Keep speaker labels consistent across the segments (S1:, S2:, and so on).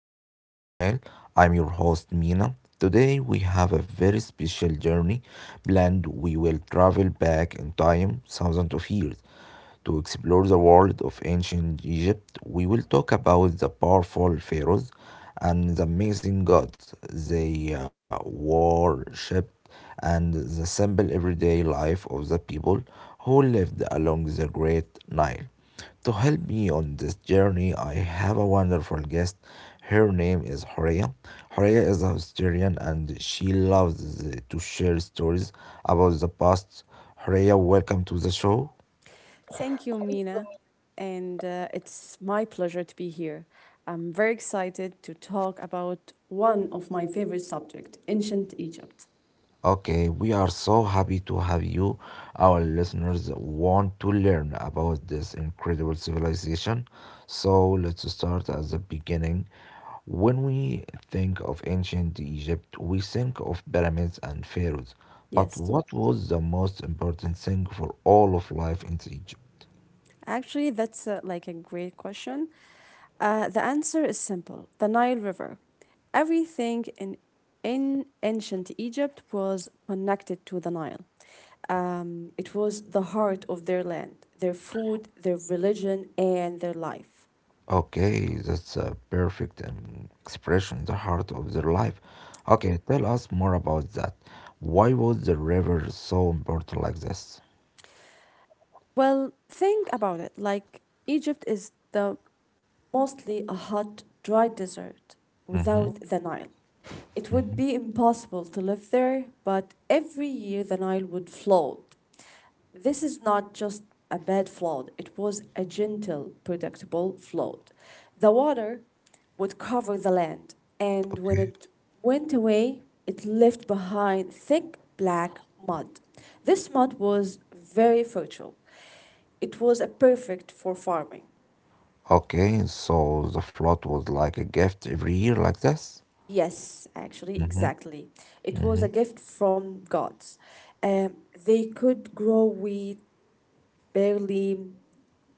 S1: Echoes of Nile. I'm your host Mina. Today we have a very special journey planned. We will travel back in time thousands of years to explore the world of ancient Egypt. We will talk about the powerful pharaohs and the amazing gods they worshipped, and the simple everyday life of the people who lived along the Great Nile. To help me on this journey, I have a wonderful guest. Her name is Horea. Horea is a historian and she loves to share stories about the past. Horea, welcome to the show.
S2: Thank you, Mina. And it's my pleasure to be here. I'm very excited to talk about one of my favorite subjects, ancient Egypt.
S1: Okay, we are so happy to have you. Our listeners want to learn about this incredible civilization. So let's start at the beginning. When we think of ancient Egypt, we think of pyramids and pharaohs. But
S2: Yes,
S1: what was the most important thing for all of life in Egypt?
S2: actually, that's like a great question. The answer is simple the Nile River. Everything in ancient Egypt was connected to the Nile. It was the heart of their land, their food, their religion, and their life.
S1: Okay, that's a perfect expression, the heart of their life. Okay, tell us more about that. Why was the river so important like this?
S2: Well, think about it. Like, Egypt is the mostly a hot, dry desert
S1: Mm-hmm.
S2: without the Nile. It would be impossible to live there, but every year the Nile would flood. This is not just a bad flood, it was a gentle, predictable flood. The water would cover the land, and when
S1: Okay.
S2: it went away, it left behind thick black mud. This mud was very fertile. It was a perfect for farming.
S1: Okay, so the flood was like a gift every year like this?
S2: Yes, actually,
S1: Mm-hmm.
S2: exactly. It was
S1: Mm-hmm.
S2: a gift from God. Um, they could grow wheat, barley,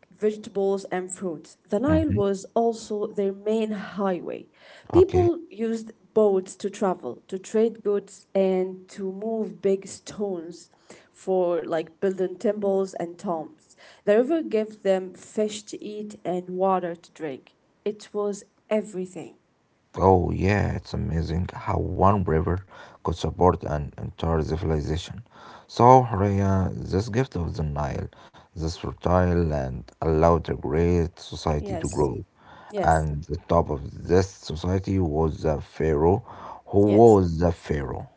S2: vegetables, and fruits. The Nile
S1: Mm-hmm.
S2: was also their main highway.
S1: Okay.
S2: People used boats to travel, to trade goods, and to move big stones for like building temples and tombs. The river gave them fish to eat and water to drink. It was everything.
S1: Oh, yeah, it's amazing how one river could support an entire civilization. So, Rhea, this gift of the Nile, this fertile land, allowed a great society to
S2: Yes,
S1: grow.
S2: yes,
S1: And the top of this society was the Pharaoh. Who
S2: yes.
S1: was the Pharaoh?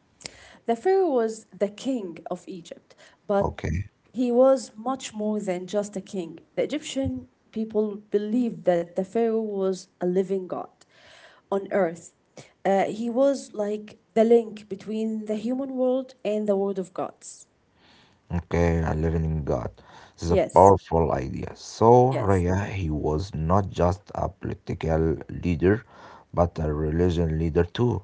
S2: The pharaoh was the king of Egypt, but
S1: Okay,
S2: he was much more than just a king. The Egyptian people believed that the pharaoh was a living god on earth. He was like the link between the human world and the world of gods.
S1: okay, a living god. This is a
S2: Yes,
S1: powerful idea. So,
S2: yes,
S1: Rhea, he was not just a political leader, but a religion leader too.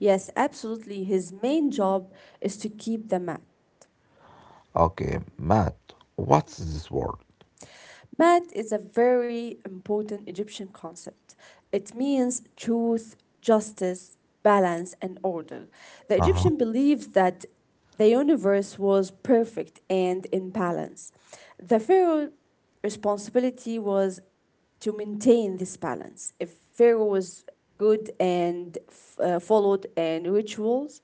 S2: yes, absolutely. His main job is to keep the mat.
S1: Okay, Matt, what's this word?
S2: Math is a very important Egyptian concept. It means truth, justice, balance, and order. The
S1: Uh-huh.
S2: Egyptian believed that the universe was perfect and in balance. The pharaoh's responsibility was to maintain this balance. If Pharaoh was good and followed and rituals,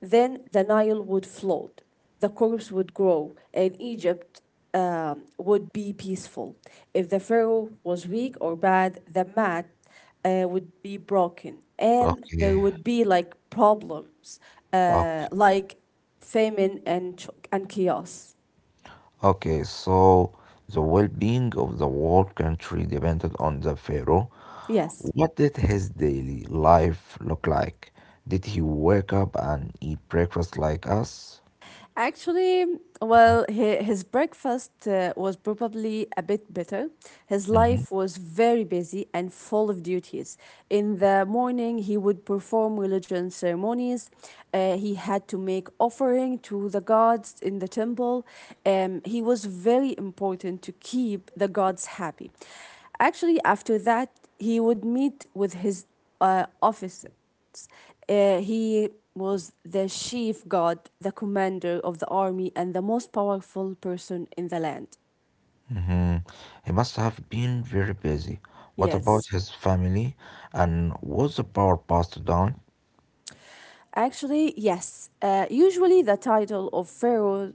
S2: then the Nile would float, the crops would grow, and Egypt would be peaceful. If the Pharaoh was weak or bad, the mat would be broken, and
S1: Okay.
S2: there would be like problems,
S1: Okay.
S2: like famine and chaos.
S1: Okay, so the well-being of the whole country depended on the pharaoh.
S2: Yes.
S1: What did his daily life look like? Did he wake up and eat breakfast like us?
S2: Actually, well, his breakfast was probably a bit better. His
S1: Mm-hmm.
S2: life was very busy and full of duties. In the morning, he would perform religion ceremonies. He had to make offering to the gods in the temple. He was very important to keep the gods happy. Actually, after that, he would meet with his office he was the chief god, the commander of the army, and the most powerful person in the land.
S1: Mm-hmm. He must have been very busy. What about
S2: Yes.
S1: his family? And was the power passed down?
S2: Actually, yes. Usually, the title of pharaoh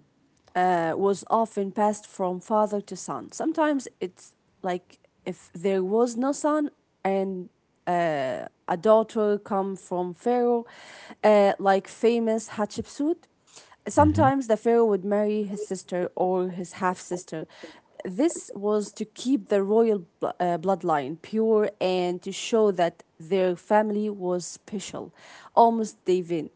S2: was often passed from father to son. Sometimes it's like if there was no son and a daughter come from Pharaoh, like famous Hatshepsut. Sometimes the pharaoh would marry his sister or his half sister. This was to keep the royal bloodline pure and to show that their family was special, almost divine.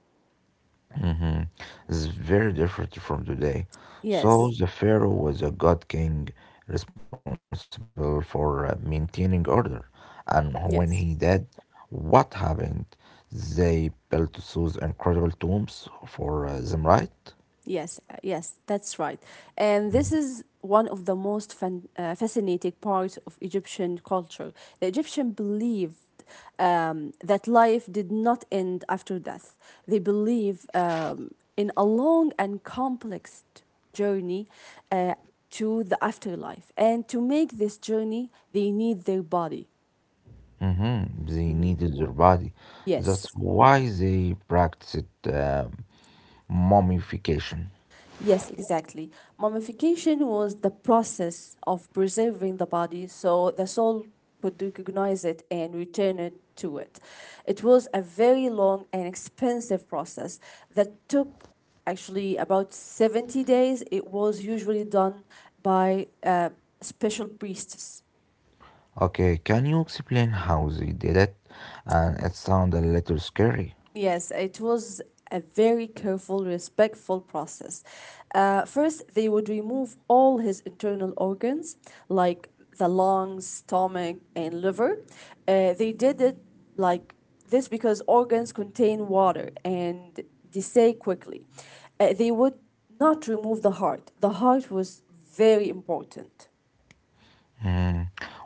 S1: Mm-hmm. It's very different from today.
S2: Yes,
S1: So the pharaoh was a god king responsible for maintaining order. And when he did,
S2: yes.
S1: what happened? They built those incredible tombs for them, right?
S2: Yes, that's right. And this is one of the most fascinating parts of Egyptian culture. The Egyptian believed that life did not end after death. They believe in a long and complex journey uh, to the afterlife. And to make this journey, they need their body.
S1: Mm-hmm. They needed their body. That's
S2: Yes.
S1: why they practiced mummification.
S2: Yes, exactly. Mummification was the process of preserving the body so the soul could recognize it and return it to it. It was a very long and expensive process that took actually about 70 days. It was usually done by special priests.
S1: Okay, can you explain how they did it? It sounds a little scary.
S2: Yes, it was a very careful, respectful process. First, they would remove all his internal organs, like the lungs, stomach, and liver. They did it like this because organs contain water and decay quickly. They would not remove the heart. The heart was very important.
S1: Hmm,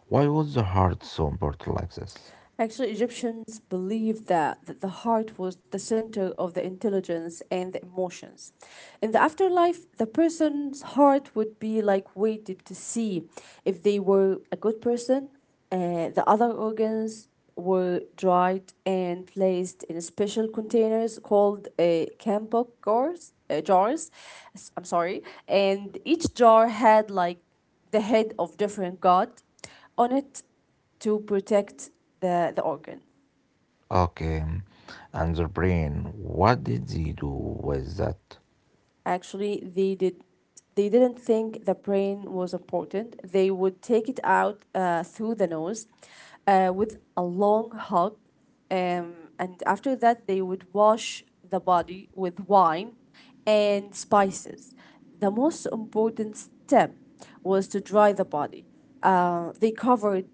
S1: why was the heart so important like this?
S2: Actually, Egyptians believed that the heart was the center of the intelligence and the emotions. In the afterlife, the person's heart would be like weighted to see if they were a good person. The other organs were dried and placed in special containers called kambok jars. I'm sorry, and each jar had like the head of different god on it to protect the organ.
S1: Okay, and the brain, what did they do with that?
S2: Actually, they didn't think the brain was important. They would take it out through the nose with a long hug, and after that they would wash the body with wine and spices. The most important step was to dry the body. They covered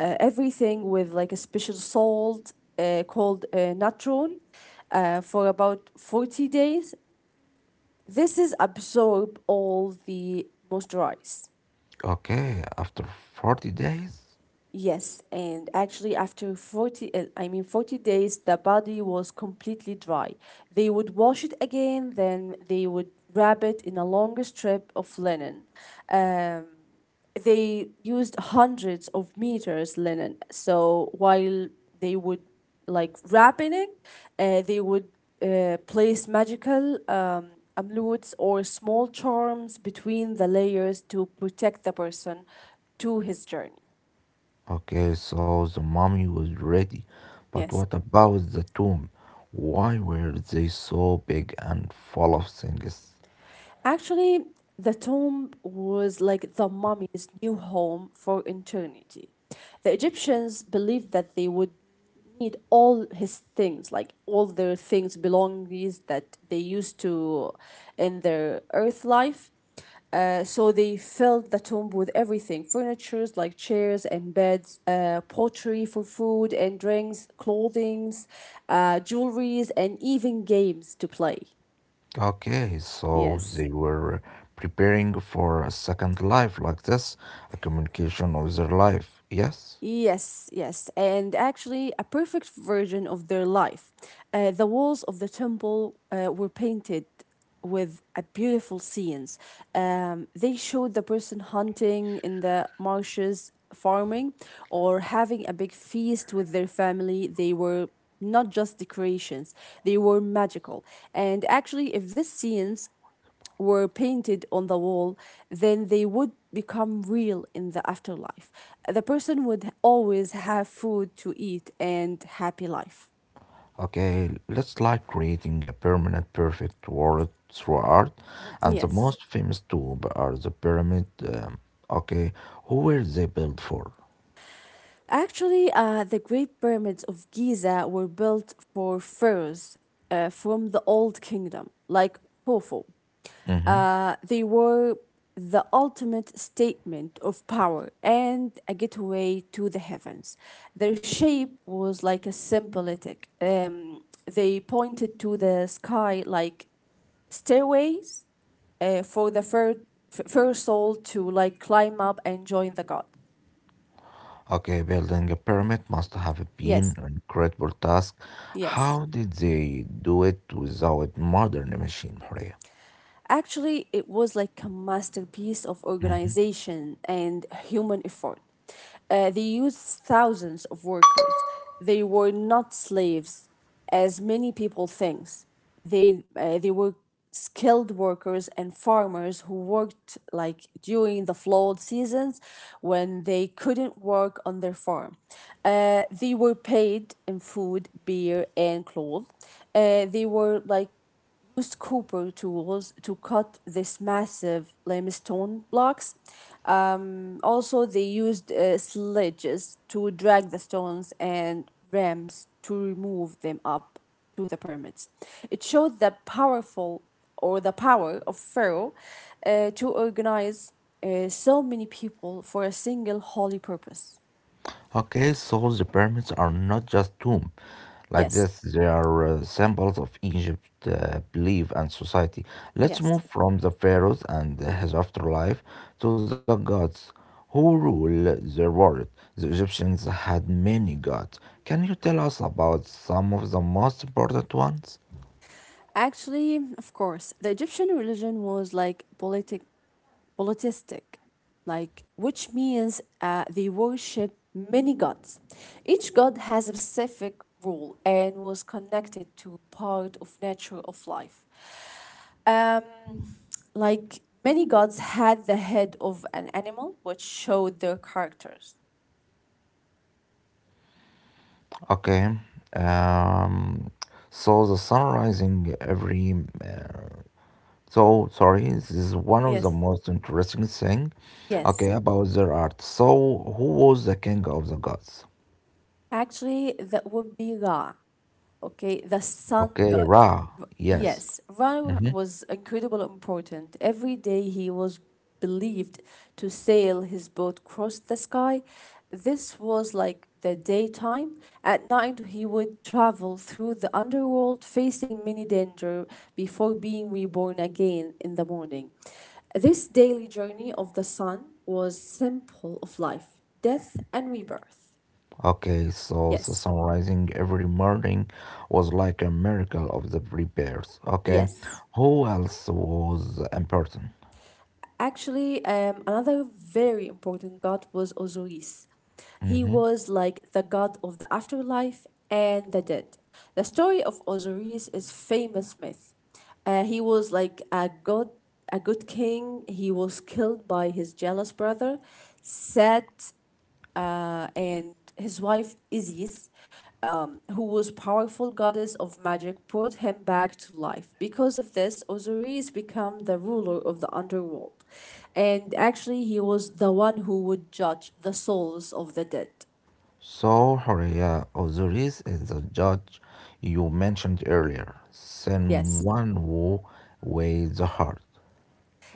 S2: everything with like a special salt called natron for about 40 days. This is absorb all the moisturize.
S1: Okay, after 40 days?
S2: Yes, and actually after 40 I mean 40 days the body was completely dry. They would wash it again then they would wrap it in a longer strip of linen. Um, they used hundreds of meters linen. So while they would like wrapping it, they would place magical amulets or small charms between the layers to protect the person to his journey.
S1: Okay, so the mummy was ready. But
S2: Yes.
S1: what about the tomb? Why were they so big and full of things?
S2: Actually, the tomb was like the mummy's new home for eternity. The Egyptians believed that they would need all his things, like all their things, belongings that they used to in their earth life. So they filled the tomb with everything furnitures like chairs and beds, pottery for food and drinks, clothings, jewelries, and even games to play.
S1: Okay, so
S2: Yes.
S1: they were preparing for a second life like this, a communication of their life, yes?
S2: Yes, and actually, a perfect version of their life. The walls of the temple were painted with a beautiful scenes. They showed the person hunting in the marshes, farming, or having a big feast with their family. They were not just decorations; they were magical. And actually, if this scenes were painted on the wall, then they would become real in the afterlife. The person would always have food to eat and happy life.
S1: Okay, let's like creating a permanent perfect world through art, and the
S2: Yes.
S1: most famous tube are the pyramid. Okay, who were they built for?
S2: Actually, the Great Pyramids of Giza were built for pharaohs from the Old Kingdom, like Hofu.
S1: Hmm.
S2: They were the ultimate statement of power and a gateway to the heavens. Their shape was like a symbolic. They pointed to the sky like stairways for the first soul to like climb up and join the god.
S1: Okay, building a pyramid must have been
S2: Yes,
S1: an incredible task.
S2: yes.
S1: How did they do it without modern machine?
S2: Actually, it was like a masterpiece of organization and human effort. They used thousands of workers. They were not slaves, as many people think. They were skilled workers and farmers who worked like during the flood seasons when they couldn't work on their farm. They were paid in food, beer, and clothes. They were like used copper tools to cut these massive limestone blocks. Also, they used sledges to drag the stones and ramps to remove them up to the pyramids. It showed the power of Pharaoh to organize so many people for a single holy purpose.
S1: Okay, so the pyramids are not just tombs. Like
S2: Yes,
S1: this, they are symbols of Egypt belief and society. Let's
S2: yes.
S1: move from the pharaohs and his afterlife to the gods who rule their world. The Egyptians had many gods. Can you tell us about some of the most important ones?
S2: Actually, of course, the Egyptian religion was like politic polytheistic, like which means they worship many gods. Each god has a specific role and was connected to part of nature of life. Um, like many gods had the head of an animal, which showed their characters.
S1: Okay. Um, so the sun rising every so sorry, this is one of the
S2: Yes.
S1: most interesting thing.
S2: Yes.
S1: Okay, about their art. So, who was the king of the gods?
S2: Actually, that would be Ra. Okay, the sun
S1: Okay,
S2: god.
S1: Ra. Yes.
S2: Yes, Ra
S1: Mhm.
S2: was incredibly important. Every day he was believed to sail his boat across the sky. This was like the daytime. At night, he would travel through the underworld, facing many danger before being reborn again in the morning. This daily journey of the sun was simple of life, death, and rebirth.
S1: Okay, so the
S2: Yes,
S1: sunrising every morning was like a miracle of the prepares. Okay,
S2: yes.
S1: who else was important?
S2: Actually, another very important god was Osiris. He
S1: Hmm.
S2: was like the god of the afterlife and the dead. The story of Osiris is famous myth. He was like a god, a good king. He was killed by his jealous brother, Set, and his wife Isis, who was powerful goddess of magic, brought him back to life. Because of this, Osiris became the ruler of the underworld, and actually he was the one who would judge the souls of the dead.
S1: So, Horea, Osiris is the judge you mentioned earlier, Sen
S2: Yes,
S1: one who weighs the heart.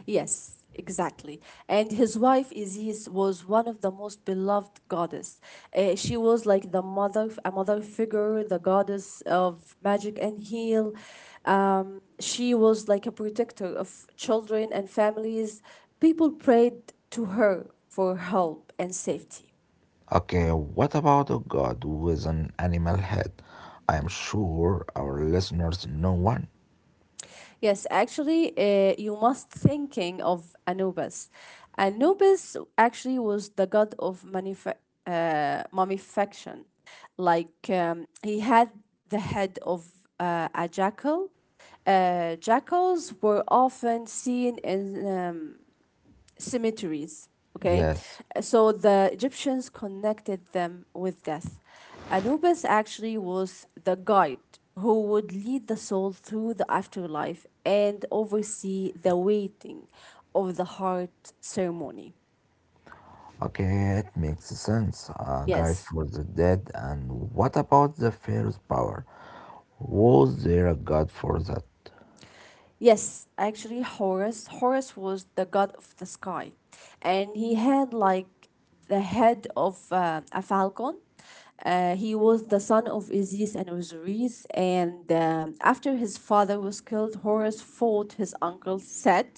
S2: Yes, exactly. And his wife Isis was one of the most beloved goddess. She was like the mother, a mother figure, the goddess of magic and heal. She was like a protector of children and families. People prayed to her for help and safety.
S1: Okay, what about a god with an animal head? I am sure our listeners know one.
S2: Yes, actually, you must thinking of Anubis. Anubis actually was the god of mummification. Like he had the head of a jackal. Jackals were often seen in cemeteries. Okay,
S1: Yes.
S2: so the Egyptians connected them with death. Anubis actually was the guide who would lead the soul through the afterlife and oversee the waiting of the heart ceremony.
S1: Okay, it makes sense. A guide
S2: Yes,
S1: for the dead. And what about the pharaoh's power? Was there a god for that?
S2: Yes, actually, Horus. Horus was the god of the sky, and he had like the head of a falcon. He was the son of Isis and Osiris, and after his father was killed, Horus fought his uncle set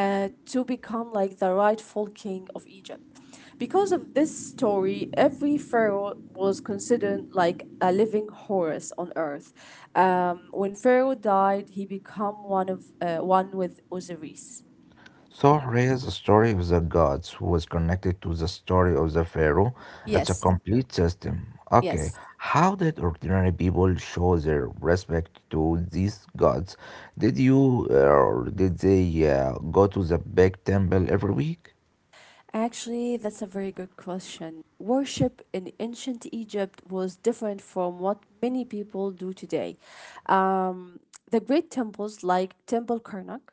S2: to become like the rightful king of Egypt. Because of this story, every pharaoh was considered like a living Horus on earth. When Pharaoh died, he became one with Osiris.
S1: Sahra's story of the gods was connected to the story of the pharaoh. It's a
S2: Yes,
S1: complete system. Okay,
S2: yes.
S1: how did ordinary people show their respect to these gods? Did they go to the big temple every week?
S2: Actually, that's a very good question. Worship in ancient Egypt was different from what many people do today. Um, the great temples like Temple Karnak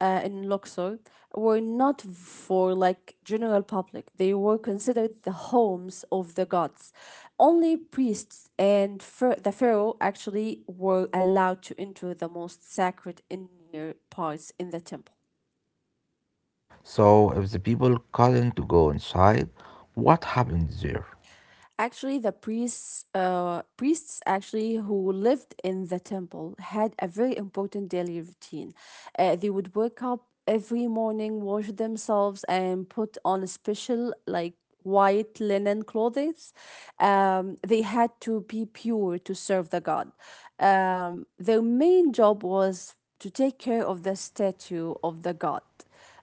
S2: in Luxor were not for like general public. They were considered the homes of the gods. Only the pharaoh actually were allowed to enter the most sacred inner parts in the temple.
S1: So if the people couldn't go inside, what happened there?
S2: Actually, priests actually who lived in the temple had a very important daily routine. They would wake up every morning, wash themselves, and put on a special like white linen clothing. They had to be pure to serve the god. Their main job was to take care of the statue of the god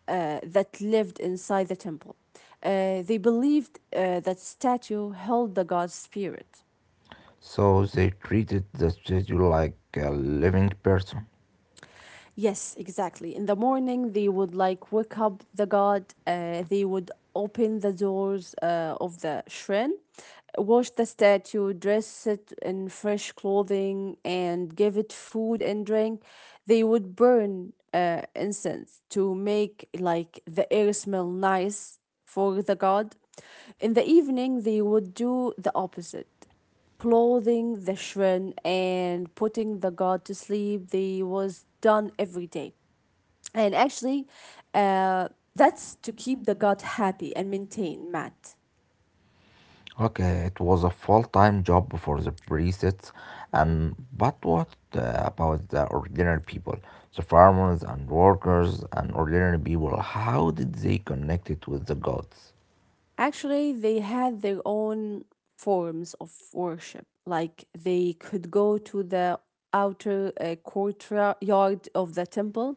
S2: that lived inside the temple. They believed that statue held the god's spirit.
S1: So they treated the statue like a living person.
S2: Yes, exactly. In the morning, they would like wake up the god. They would open the doors of the shrine, wash the statue, dress it in fresh clothing, and give it food and drink. They would burn incense to make like the air smell nice for the god. In the evening, they would do the opposite. Clothing the shrine and putting the god to sleep they was done every day and actually uh, that's to keep the god happy and maintain matt.
S1: Okay, it was a full-time job for the priests, and but what about the ordinary people, the farmers and workers and ordinary people? How did they connect it with the gods?
S2: Actually, they had their own forms of worship. Like they could go to the outer courtyard of the temple,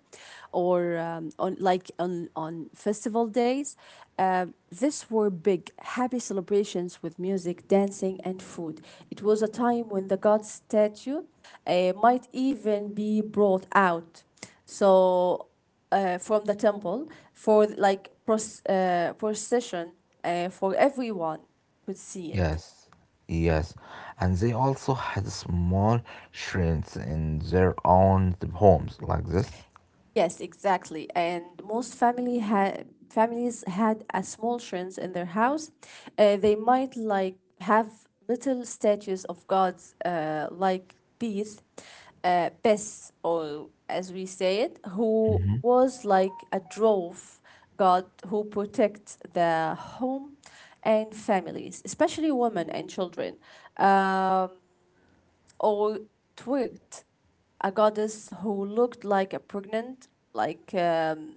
S2: or on on festival days. This were big, happy celebrations with music, dancing, and food. It was a time when the god statue might even be brought out. So from the temple for like procession for everyone could see it.
S1: Yes, yes, and they also had small shrines in their own homes, like this.
S2: Yes, exactly. And most family had families had a small shrines in their house. They might like have little statues of gods, like Bes, or as we say it, who was like a drove god who protects the home and families, especially women and children. Um, or Twirt, a goddess who looked like a pregnant, like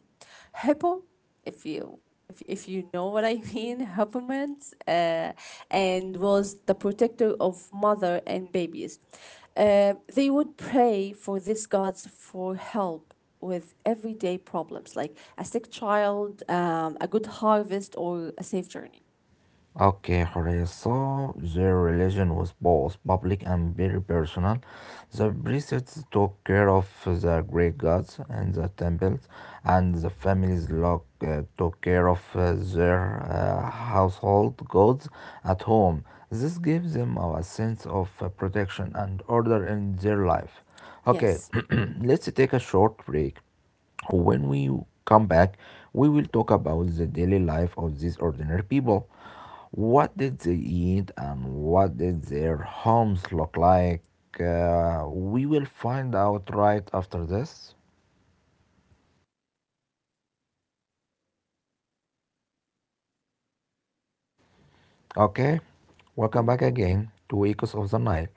S2: hippo, if you know what I mean, hippomans, and was the protector of mother and babies. They would pray for these gods for help with everyday problems like a sick child, a good harvest, or a safe journey.
S1: Okay, Horea, so their relation was both public and very personal. The priests took care of the great gods and the temples, and the families took care of their household gods at home. This gives them a sense of protection and order in their life. Okay,
S2: Yes.
S1: let's take a short break. When we come back, we will talk about the daily life of these ordinary people. What did they eat and what did their homes look like? We will find out right after this. Okay? Welcome
S2: Mhm.
S1: back again to Echoes of the Nile.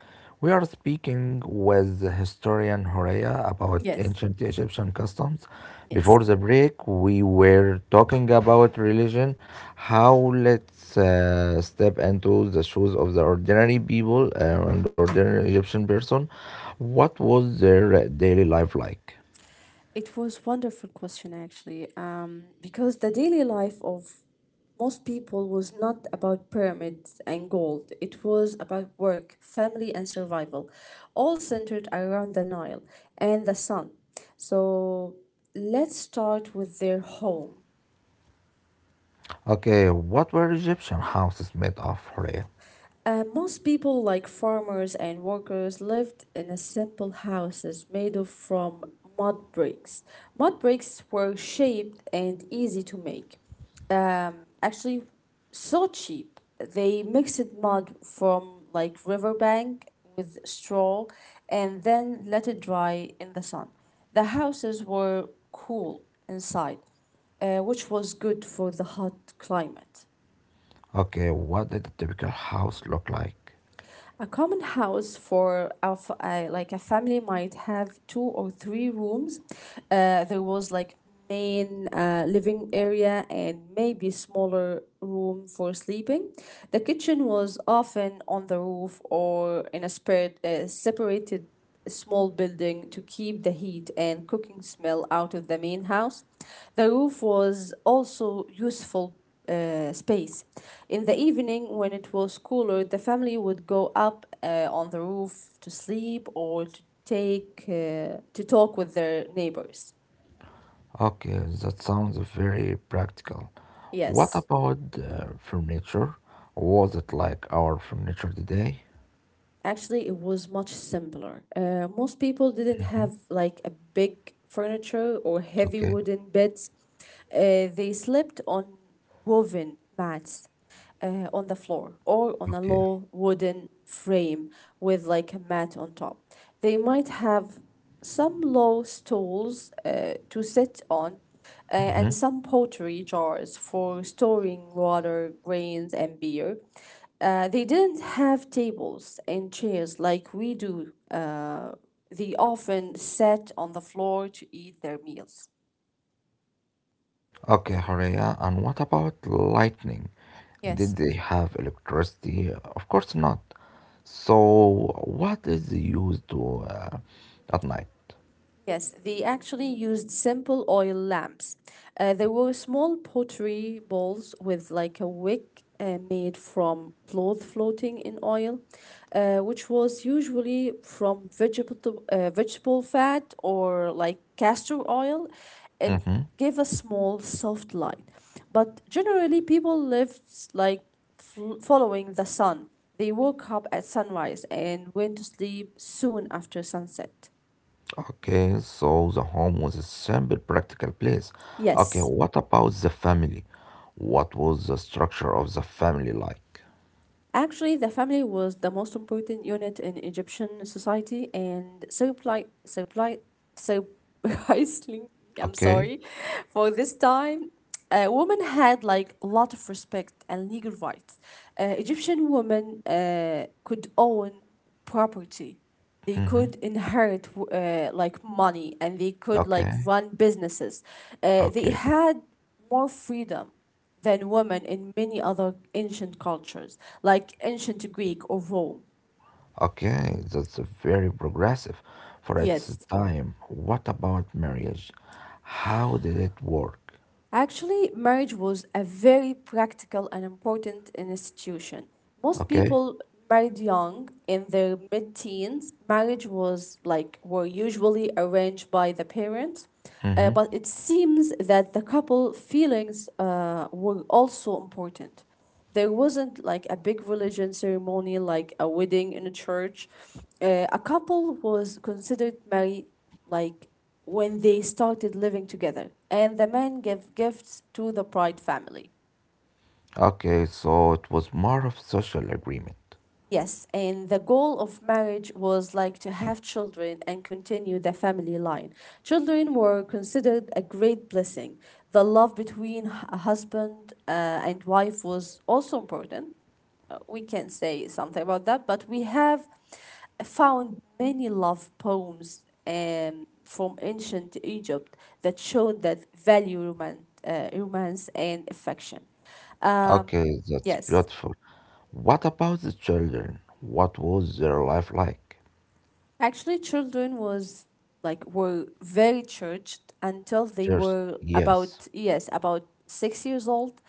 S1: We are speaking with historian Horea about
S2: Yes.
S1: ancient Egyptian customs.
S2: Yes.
S1: Before the break, we were talking about religion. How let's step into the shoes of the ordinary people and ordinary Egyptian person. What was their daily life like?
S2: It was wonderful question actually, because the daily life of most people was not about pyramids and gold. It was about work, family, and survival, all centered around the Nile and the sun. So let's start with their home.
S1: Okay, what were Egyptian houses made of, Horea?
S2: Most people, like farmers and workers, lived in a simple houses made of from mud bricks. Mud bricks were shaped and easy to make. Um, Actually, so cheap. They mixed mud from like riverbank with straw and then let it dry in the sun. The houses were cool inside, which was good for the hot climate.
S1: Okay, what did a typical house look like?
S2: A common house for like a family might have two or three rooms. There was like main living area and maybe smaller room for sleeping. The kitchen was often on the roof or in a separated a small building to keep the heat and cooking smell out of the main house. The roof was also useful space. In the evening, when it was cooler, the family would go up on the roof to sleep or to take to talk with their neighbors.
S1: Okay, that sounds very practical. What
S2: Yes.
S1: about furniture? Was it like our furniture today?
S2: Actually, it was much simpler. Most people didn't have
S1: Mhm.
S2: like a big furniture or heavy
S1: Okay,
S2: wooden beds. They slept on woven mats on the floor or on a
S1: okay.
S2: low wooden frame with like a mat on top. They might have some low stools to sit on and
S1: Mhm.
S2: some pottery jars for storing water, grains, and beer. They didn't have tables and chairs like we do. They often sat on the floor to eat their meals.
S1: Okay, Horea, and what about lightning? Did
S2: Yes.
S1: they have electricity? Of course not. So, what is used to at night?
S2: Yes, they actually used simple oil lamps. There were small pottery bowls with like a wick made from cloth floating in oil, which was usually from vegetable fat or like castor oil.
S1: Mm-hmm.
S2: It gave a small, soft light. But generally, people lived like following the sun. They woke up at sunrise and went to sleep soon after sunset.
S1: Okay, so the home was a simple, practical place. Okay,
S2: Yes.
S1: what about the family? What was the structure of the family like?
S2: Actually, the family was the most important unit in Egyptian society and supply supply surprisingly, I'm
S1: Okay,
S2: sorry, for this time, women had like a lot of respect and legal rights. Egyptian women could own property. They could inherit like money and they could like
S1: okay,
S2: run businesses. They
S1: okay,
S2: had more freedom than women in many other ancient cultures, like ancient Greek or Rome.
S1: okay, that's very progressive for its
S2: Yes.
S1: time. What about marriage? How did it work?
S2: Actually, marriage was a very practical and important institution. Most
S1: Okay,
S2: people married young in their mid teens. Marriage was like were usually arranged by the parents. But
S1: mm-hmm.
S2: it seems that the couple feelings were also important. There wasn't like a big religion ceremony like a wedding in a church. A couple was considered married like when they started living together and the man gave gifts to the bride family.
S1: Okay, so it was more of social agreement.
S2: Yes, and the goal of marriage was like to have children and continue the family line. Children were considered a great blessing. The love between a husband and wife was also important. We can say something about that, but we have found many love poems from ancient Egypt that showed that value romance, romance and affection. Um,
S1: Okay, that's
S2: yes.
S1: beautiful. What about the children? What was their life like?
S2: Actually, children was like were very churched until they
S1: Just
S2: were
S1: yes.
S2: about yes about six years old.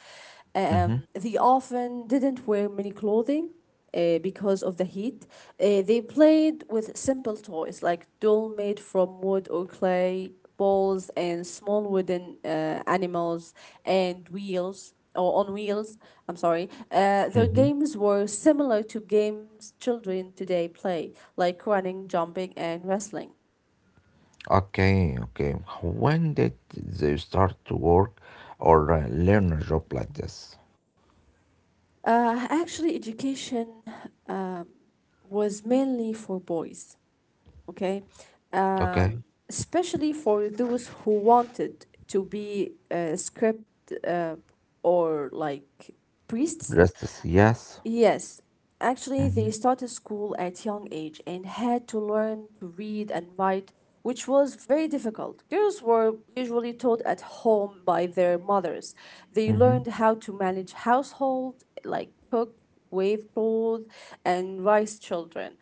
S1: Hmm.
S2: They often didn't wear many clothing. Because of the heat, they played with simple toys like doll made from wood or clay, balls, and small wooden animals and wheels or on wheels. I'm sorry. Their
S1: Hmm.
S2: games were similar to games children today play, like running, jumping, and wrestling.
S1: Okay, okay. When did they start to work or learn a job like this?
S2: Actually, education um, was mainly for boys. Okay,
S1: Okay,
S2: um, especially for those who wanted to be script or like priests.
S1: justice. Yes.
S2: Yes, actually, they started school at young age and had to learn to read and write, which was very difficult. Girls were usually taught at home by their mothers. They learned how to manage household, like cook, wave clothes, and raise children.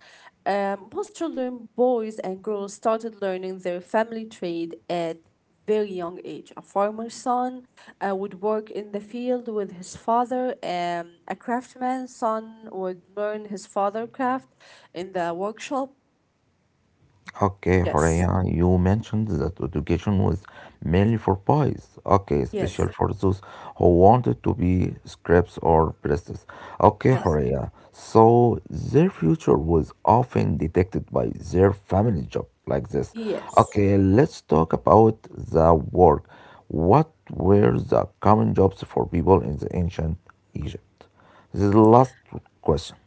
S2: Most children, boys and girls, started learning their family trade at very young age. A farmer's son would work in the field with his father. A craftsman's son would learn his father craft in the workshop.
S1: Okay,
S2: Yes,
S1: Horea, you mentioned that education was mainly for boys. Okay,
S2: yes.
S1: especially for those who wanted to be scripts or priests. Okay,
S2: Yes.
S1: Horea. So their future was often detected by their family job like this.
S2: Yes,
S1: Okay, let's talk about the work. What were the common jobs for people in the ancient Egypt? This is the last question.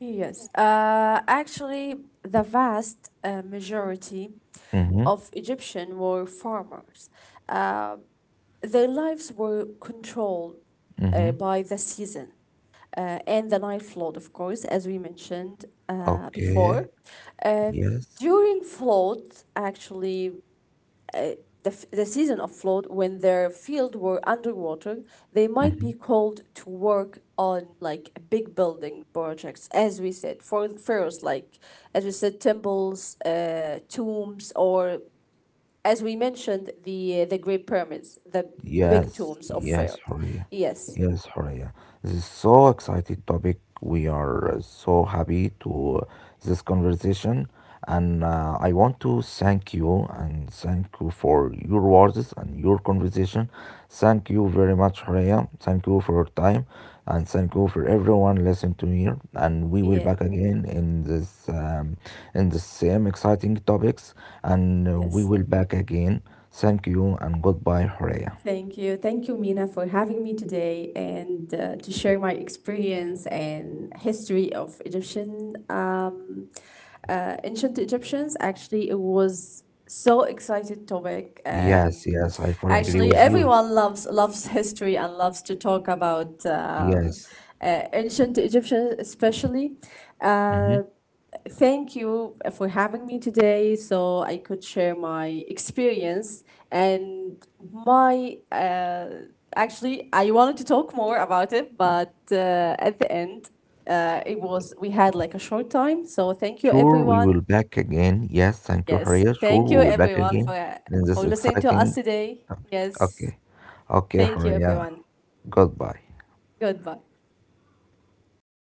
S2: yes. Actually, the vast majority
S1: Mm-hmm.
S2: of Egyptian were farmers. Uh, their lives were controlled by the season, and the Nile flood, of course, as we mentioned before.
S1: Okay.
S2: Uh,
S1: Yes.
S2: During flood, actually, the season of flood, when their field were underwater, they might be called to work on like big building projects, as we said, for the pharaohs, like as we said, temples, tombs, or as we mentioned, the great pyramids, the big
S1: Yes,
S2: tombs of
S1: yes,
S2: pharaohs.
S1: Horia.
S2: Yes.
S1: Yes, Horia. This is so exciting topic. We are so happy to this conversation, and I want to thank you and thank you for your words and your conversation. Thank you very much, Horia. Thank you for your time, and thank you for everyone listening to me. And we will
S2: Yeah.
S1: back again in this in the same exciting topics, and we
S2: Yes.
S1: will back again. Thank you and goodbye, Horea.
S2: Thank you. Thank you, Mina, for having me today and to share my experience and history of Egyptian, ancient Egyptians. Actually, it was so excited topic.
S1: Yes, yes, I fully agree
S2: Actually,
S1: with you.
S2: everyone loves history and loves to talk about
S1: Yes.
S2: ancient Egyptians, especially.
S1: Hmm.
S2: Um, Thank you for having me today so I could share my experience and my. Actually, I wanted to talk more about it, but at the end, it was. We had like a short time. So thank you,
S1: Sure, we
S2: everyone.
S1: will back again. Yes, thank you,
S2: Yes.
S1: Haria. Sure,
S2: Thank you,
S1: we will back
S2: everyone,
S1: again in
S2: for
S1: this
S2: listening to us
S1: exciting
S2: today.
S1: topic.
S2: Yes.
S1: Okay. Okay,
S2: Thank you,
S1: Haria.
S2: everyone.
S1: Goodbye.
S2: Goodbye.